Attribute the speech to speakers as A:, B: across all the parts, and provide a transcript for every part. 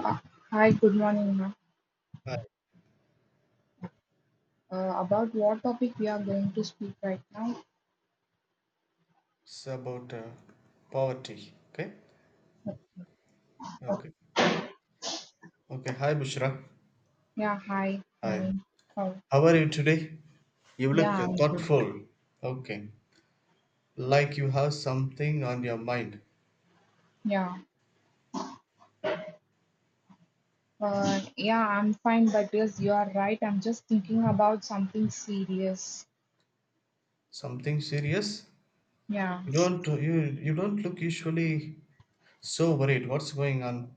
A: Ah, hi, good morning, ma'am.
B: Hi,
A: About what topic we are going to speak right now?
B: it's about poverty. Okay, okay, okay. Hi, Bushra.
A: Yeah, hi,
B: Hi.
A: Naveen. Oh,
B: How are you today? You look
A: yeah, I'm good.
B: thoughtful. Okay, like you have something on your mind,
A: Yeah, yeah, I'm fine. But yes, you are right. I'm just thinking about something serious.
B: something serious.
A: Yeah.
B: You you don't look usually so worried. What's going on?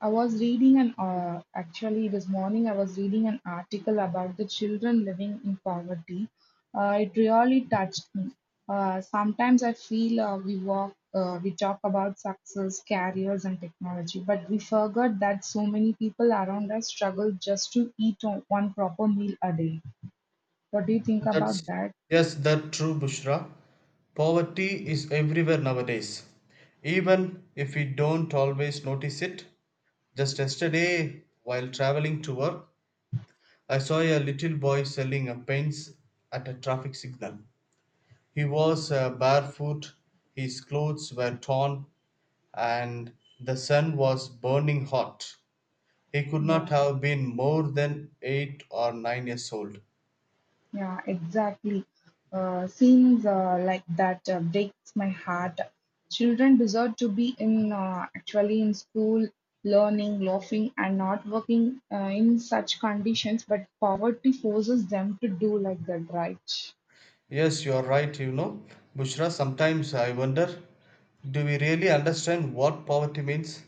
A: I was reading an actually this morning I was reading an article about the children living in poverty. It really touched me. Sometimes I feel we talk about success, careers, and technology, but we forgot that so many people around us struggle just to eat one proper meal a day. What do you think about
B: That's
A: that?
B: yes, that's true, Bushra. Poverty is everywhere nowadays. Even if we don't always notice it, just yesterday, while traveling to work, I saw a little boy selling a pens at a traffic signal. He was barefoot, his clothes were torn, and the sun was burning hot. He could not
A: Yeah.
B: have been more than 8 or 9 years old.
A: Yeah, exactly. Scenes like that breaks my heart. Children deserve to be in actually in school, learning, laughing, and not working in such conditions. But poverty forces them to do like that, right?
B: Yes, you are right, you know. Bushra, sometimes I wonder, do we really understand what poverty means?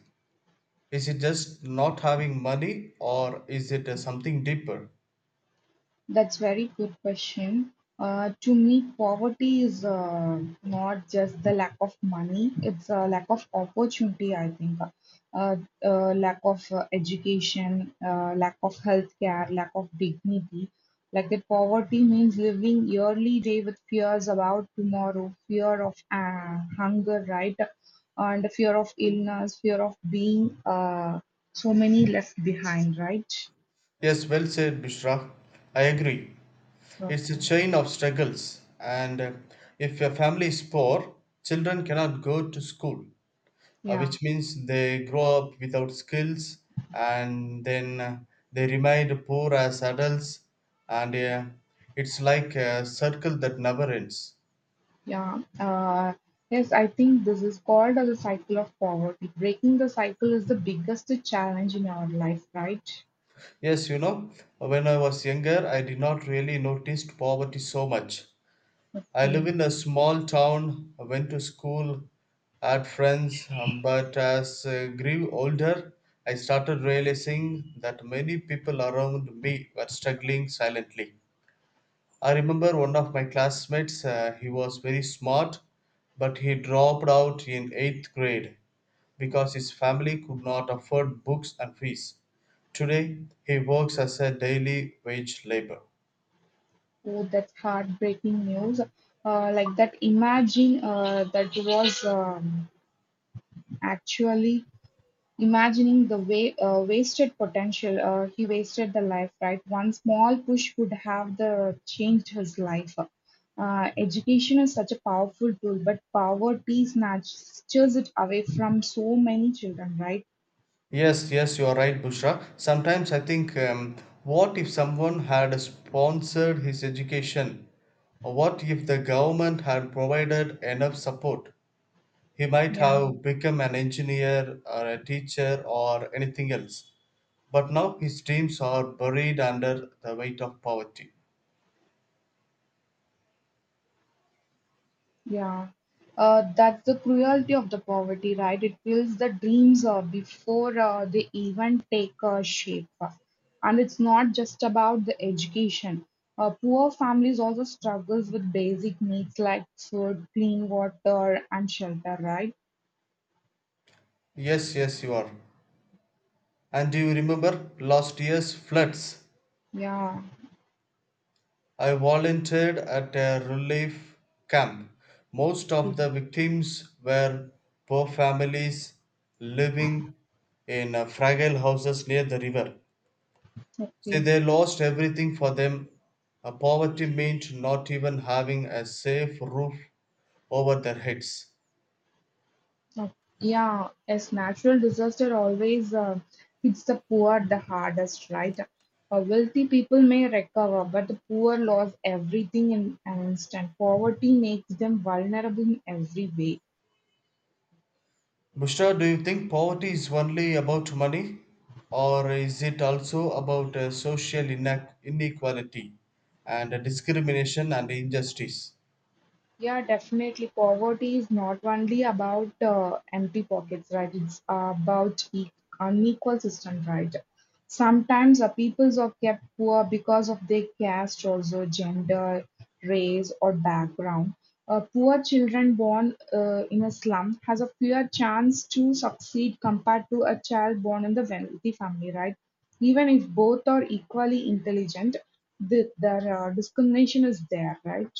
B: Is it just not having money, or is it something deeper?
A: That's very good question. To me, poverty is not just the lack of money; it's a lack of opportunity. I think, uh, lack of education, lack of healthcare, lack of dignity. Like that, poverty means living yearly day with fears about tomorrow, fear of hunger, right, and fear of illness, fear of being so many left behind, right?
B: Yes, well said, Bushra. I agree.
A: So,
B: It's a chain of struggles, and if your family is poor, children cannot go to school,
A: yeah.
B: which means they grow up without skills and then they remain poor as adults, and it's like a circle that never ends.
A: Yeah, yes, I think this is called as a cycle of poverty. Breaking the cycle is the biggest challenge in our life, right?
B: Yes, you know, when I was younger, I did not really notice poverty so much. I live
A: Okay,
B: in a small town. I went to school, had friends, but as I grew older, I started realizing that many people around me were struggling silently. I remember one of my classmates, he was very smart, but he dropped out in 8th grade because his family could not afford books and fees. Today, he works as a daily wage labor.
A: oh, that's heartbreaking news. Like that, imagine that was actually Imagining the wa- wasted potential, he wasted the life, right? One small push could have the changed his life. Education is such a powerful tool, but poverty snatches it away from so many children, right?
B: Yes, yes, you are right, Bushra. Sometimes I think, what if someone had sponsored his education? Or what if the government had provided enough support? He might
A: Yeah.
B: have become an engineer or a teacher or anything else. But now his dreams are buried under the weight of poverty.
A: Yeah, that's the cruelty of the poverty, right? It kills the dreams before they even take shape. And it's not just about the education. Poor families also struggles with basic needs like food, clean water, and shelter, right?
B: Yes, yes, you are. And do you remember last year's floods?
A: Yeah,
B: I volunteered at a relief camp. Most of the victims were poor families living in fragile houses near the river. See,
A: okay.
B: they lost everything for them. Poverty meant not even having a safe roof over their heads.
A: Oh, yeah, as natural disaster always hits the poor the hardest, right? Wealthy people may recover, but the poor lose everything in an instant. Poverty makes them vulnerable in every way.
B: Bushra, do you think poverty is only about money, or is it also about social inequality and discrimination and injustice?
A: Yeah, definitely. Poverty is not only about empty pockets, right? It's about unequal system, right? Sometimes the peoples are kept poor because of their caste, also gender, race, or background. A poor children born in a slum has a fair chance to succeed compared to a child born in the wealthy family, right? Even if both are equally intelligent, the discrimination is there, right?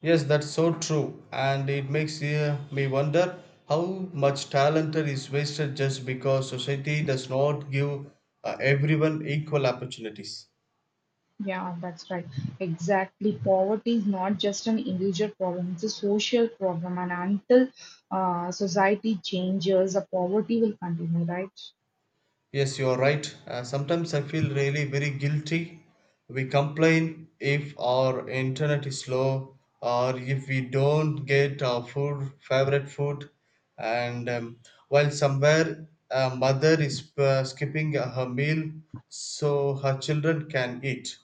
B: Yes, that's so true, and it makes me wonder how much talent is wasted just because society does not give everyone equal opportunities.
A: Yeah, that's right. Exactly. Poverty is not just an individual problem, it's a social problem. And until society changes, the poverty will continue, right?
B: Yes, you are right. Sometimes I feel really very guilty. We complain if our internet is slow or if we don't get our food, favorite food, and while somewhere a mother is skipping her meal so her children can eat.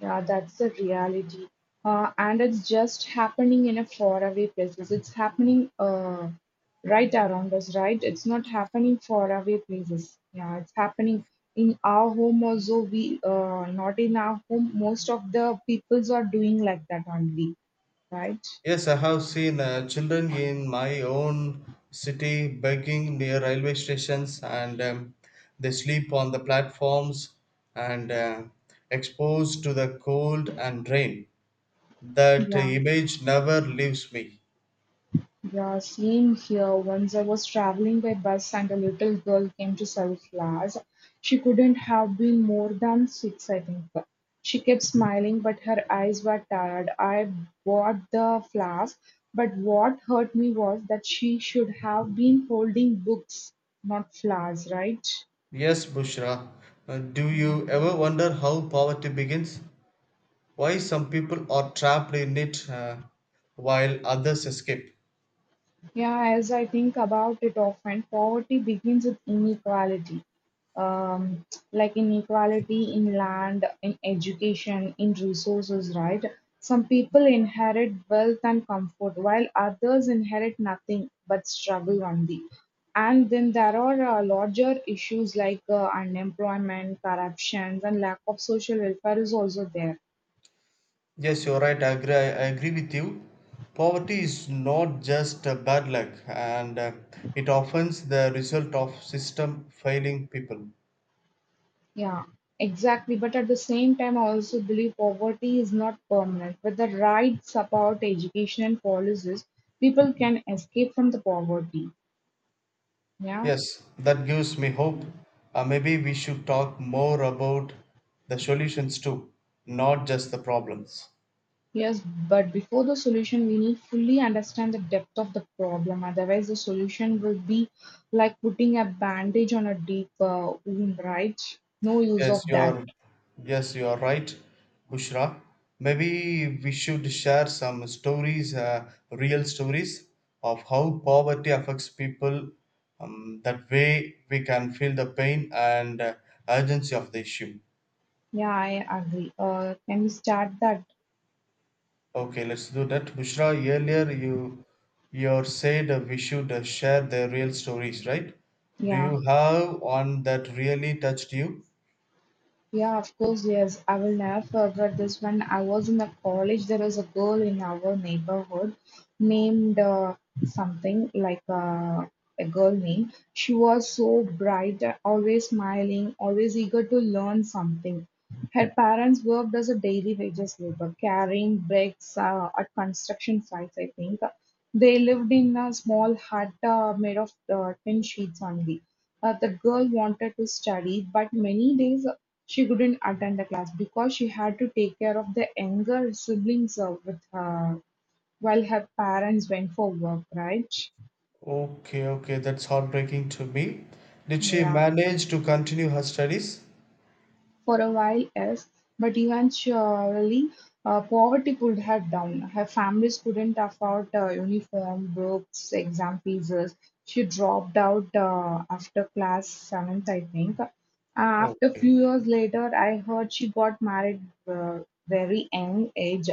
A: Yeah, that's the reality. And it's just happening in a faraway places. It's happening right around us, right? It's not happening faraway places. Yeah, it's happening in our home also. We not in our home. Most of the peoples are doing like that only, right?
B: Yes, I have seen children in my own city begging near railway stations, and they sleep on the platforms and exposed to the cold and rain. That
A: Yeah.
B: image never leaves me.
A: Yeah, same here. Once I was traveling by bus and a little girl came to sell flowers. She couldn't have been more than six, I think. She kept smiling, but her eyes were tired. I bought the flowers, but what hurt me was that she should have been holding books, not flowers, right?
B: Yes, Bushra, do you ever wonder how poverty begins? Why some people are trapped in it while others escape?
A: Yeah, as I think about it often, poverty begins with inequality. Um, like inequality in land, in education, in resources, right? Some people inherit wealth and comfort, while others inherit nothing but struggle only. And then there are larger issues like unemployment, corruption, and lack of social welfare is also there.
B: Yes, you're right. I agree with you. Poverty is not just a bad luck, and it often is the result of system failing people.
A: Yeah, exactly. But at the same time, I also believe poverty is not permanent. With the right support, education, and policies, people can escape from the poverty. Yeah,
B: Yes, that gives me hope. Maybe we should talk more about the solutions too, not just the problems.
A: yes. But before the solution, we need fully understand the depth of the problem. Otherwise, the solution will be like putting a bandage on a deep wound, right? No use
B: Yes,
A: of
B: you
A: that.
B: are. Yes, you are right, Bushra. Maybe we should share some stories, real stories of how poverty affects people. That way, we can feel the pain and urgency of the issue.
A: Yeah, I agree. Can we start that?
B: Okay, let's do that. Bushra, earlier you said we should share the real stories, right? Do
A: Yeah.
B: you have one that really touched you?
A: Yeah, of course, yes. I will never forget this. When I was in the college, there was a girl in our neighborhood named something like a girl name. She was so bright, always smiling, always eager to learn something. Her parents worked as a daily wages labor, carrying bricks at construction sites, I think. They lived in a small hut made of tin sheets only. The girl wanted to study, but many days she couldn't attend the class because she had to take care of the younger siblings with her while her parents went for work, right?
B: Okay, okay, that's heartbreaking to me. Did she
A: Yeah.
B: manage to continue her studies?
A: For a while, yes, but eventually, poverty could have down. Her families couldn't afford uniform, books, exam fees. She dropped out after class seventh, I think. After
B: Okay,
A: few years later, I heard she got married uh, very young age,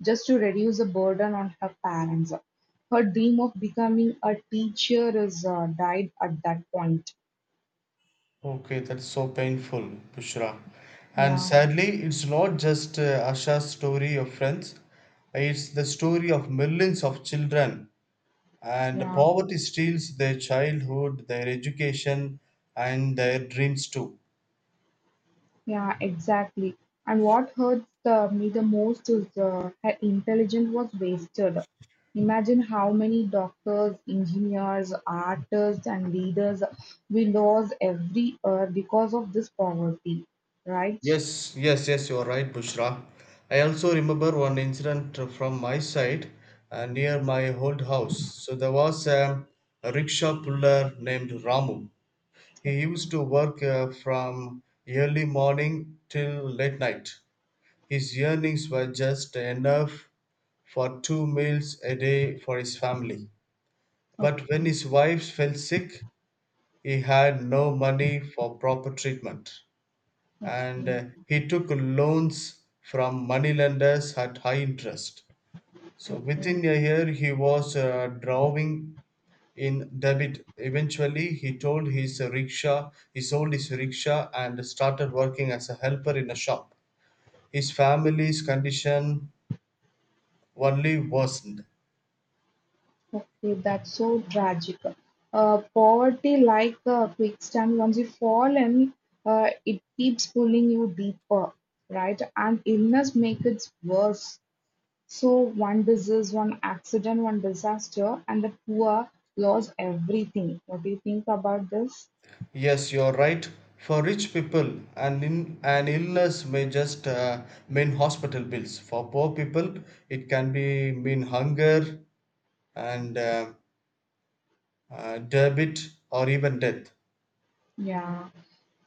A: just to reduce the burden on her parents. Her dream of becoming a teacher is died at that point.
B: okay, that's so painful, Bushra. And
A: Yeah,
B: sadly, it's not just Asha's story of friends, it's the story of millions of children. And
A: yeah.
B: poverty steals their childhood, their education, and their dreams too.
A: Yeah, exactly. And what hurts me the most is her intelligence was wasted. Imagine how many doctors, engineers, artists, and leaders we lose every year because of this poverty, right?
B: Yes, yes, yes, you are right, Bushra. I also remember one incident from my side near my old house. So there was a rickshaw puller named Ramu. He used to work from early morning till late night. His earnings were just enough for two meals a day for his family. But when
A: Okay,
B: his wife fell sick, he had no money for proper treatment and
A: okay,
B: uh, he took loans from moneylenders at high interest. So
A: okay,
B: within a year, he was drawing in debit. Eventually, he sold his rickshaw and started working as a helper in a shop. His family's condition only worsened.
A: okay. That's so tragic. Poverty, like a quicksand, once you fall in, it keeps pulling you deeper, right? And illness makes it worse. So one disease, one accident, one disaster, and the poor lost everything. What do you think about this?
B: Yes, you're right. For rich people, an illness may just mean hospital bills. For poor people, it can be mean hunger, and debit or even death.
A: Yeah.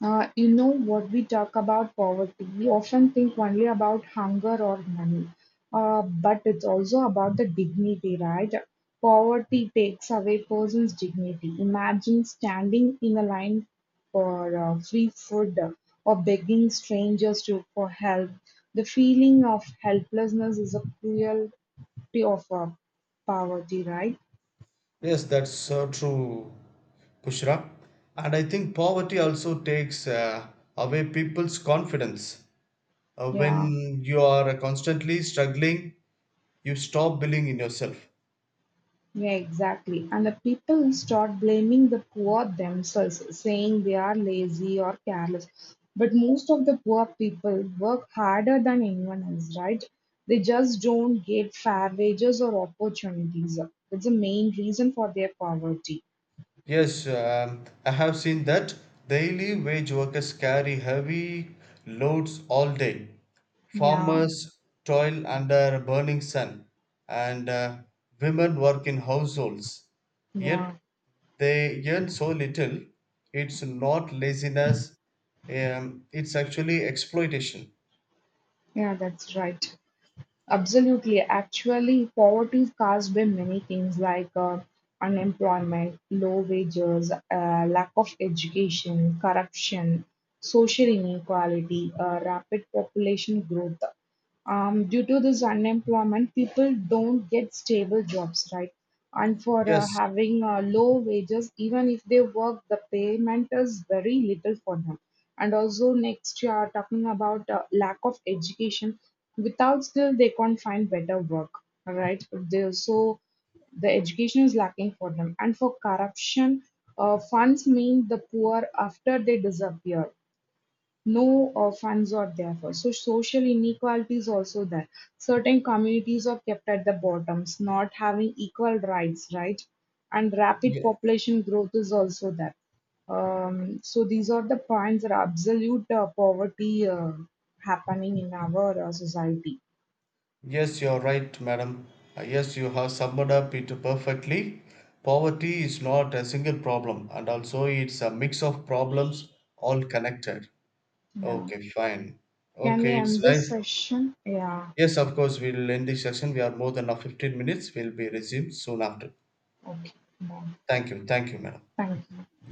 A: You know, what we talk about poverty, we often think only about hunger or money, but it's also about the dignity, right? Poverty takes away person's dignity. Imagine standing in a line for free food or begging strangers to for help. The feeling of helplessness is a cruelty of poverty, right?
B: Yes, that's so true, Pushra. And I think poverty also takes away people's confidence.
A: Yeah.
B: When you are constantly struggling, you stop believing in yourself.
A: Yeah, exactly. And the people start blaming the poor themselves, saying they are lazy or careless. But most of the poor people work harder than anyone else, right? They just don't get fair wages or opportunities. That's the main reason for their poverty.
B: Yes, I have seen that daily wage workers carry heavy loads all day.
A: Yeah,
B: Farmers toil under burning sun, and women work in households. Yet
A: yeah,
B: they earn so little. It's not laziness, it's actually exploitation.
A: yeah, that's right. Absolutely. Actually, poverty is caused by many things like unemployment, low wages, lack of education, corruption, social inequality, rapid population growth. Due to this unemployment, people don't get stable jobs, right? And for uh,
B: Yes,
A: having uh, low wages, even if they work, the payment is very little for them, and also next you are talking about lack of education without skill they can't find better work, right, they so the education is lacking for them, and for corruption funds mean the poor after they disappear, no funds are there for. So social inequality is also there. Certain communities are kept at the bottoms, not having equal rights, right? And rapid
B: yeah.
A: population growth is also there. So these are the points that absolute poverty happening in our society.
B: Yes, you're right, madam. Yes, you have summed up it perfectly. Poverty is not a single problem, and also it's a mix of problems all connected.
A: Yeah.
B: Okay, fine.
A: Can we
B: Okay, it's
A: end this
B: nice.
A: session? Yeah.
B: Yes, of course, we'll end this session. We are more than now 15 minutes. We'll be resumed soon after.
A: Okay. Bye.
B: Thank you. Thank you, madam.
A: Thank you.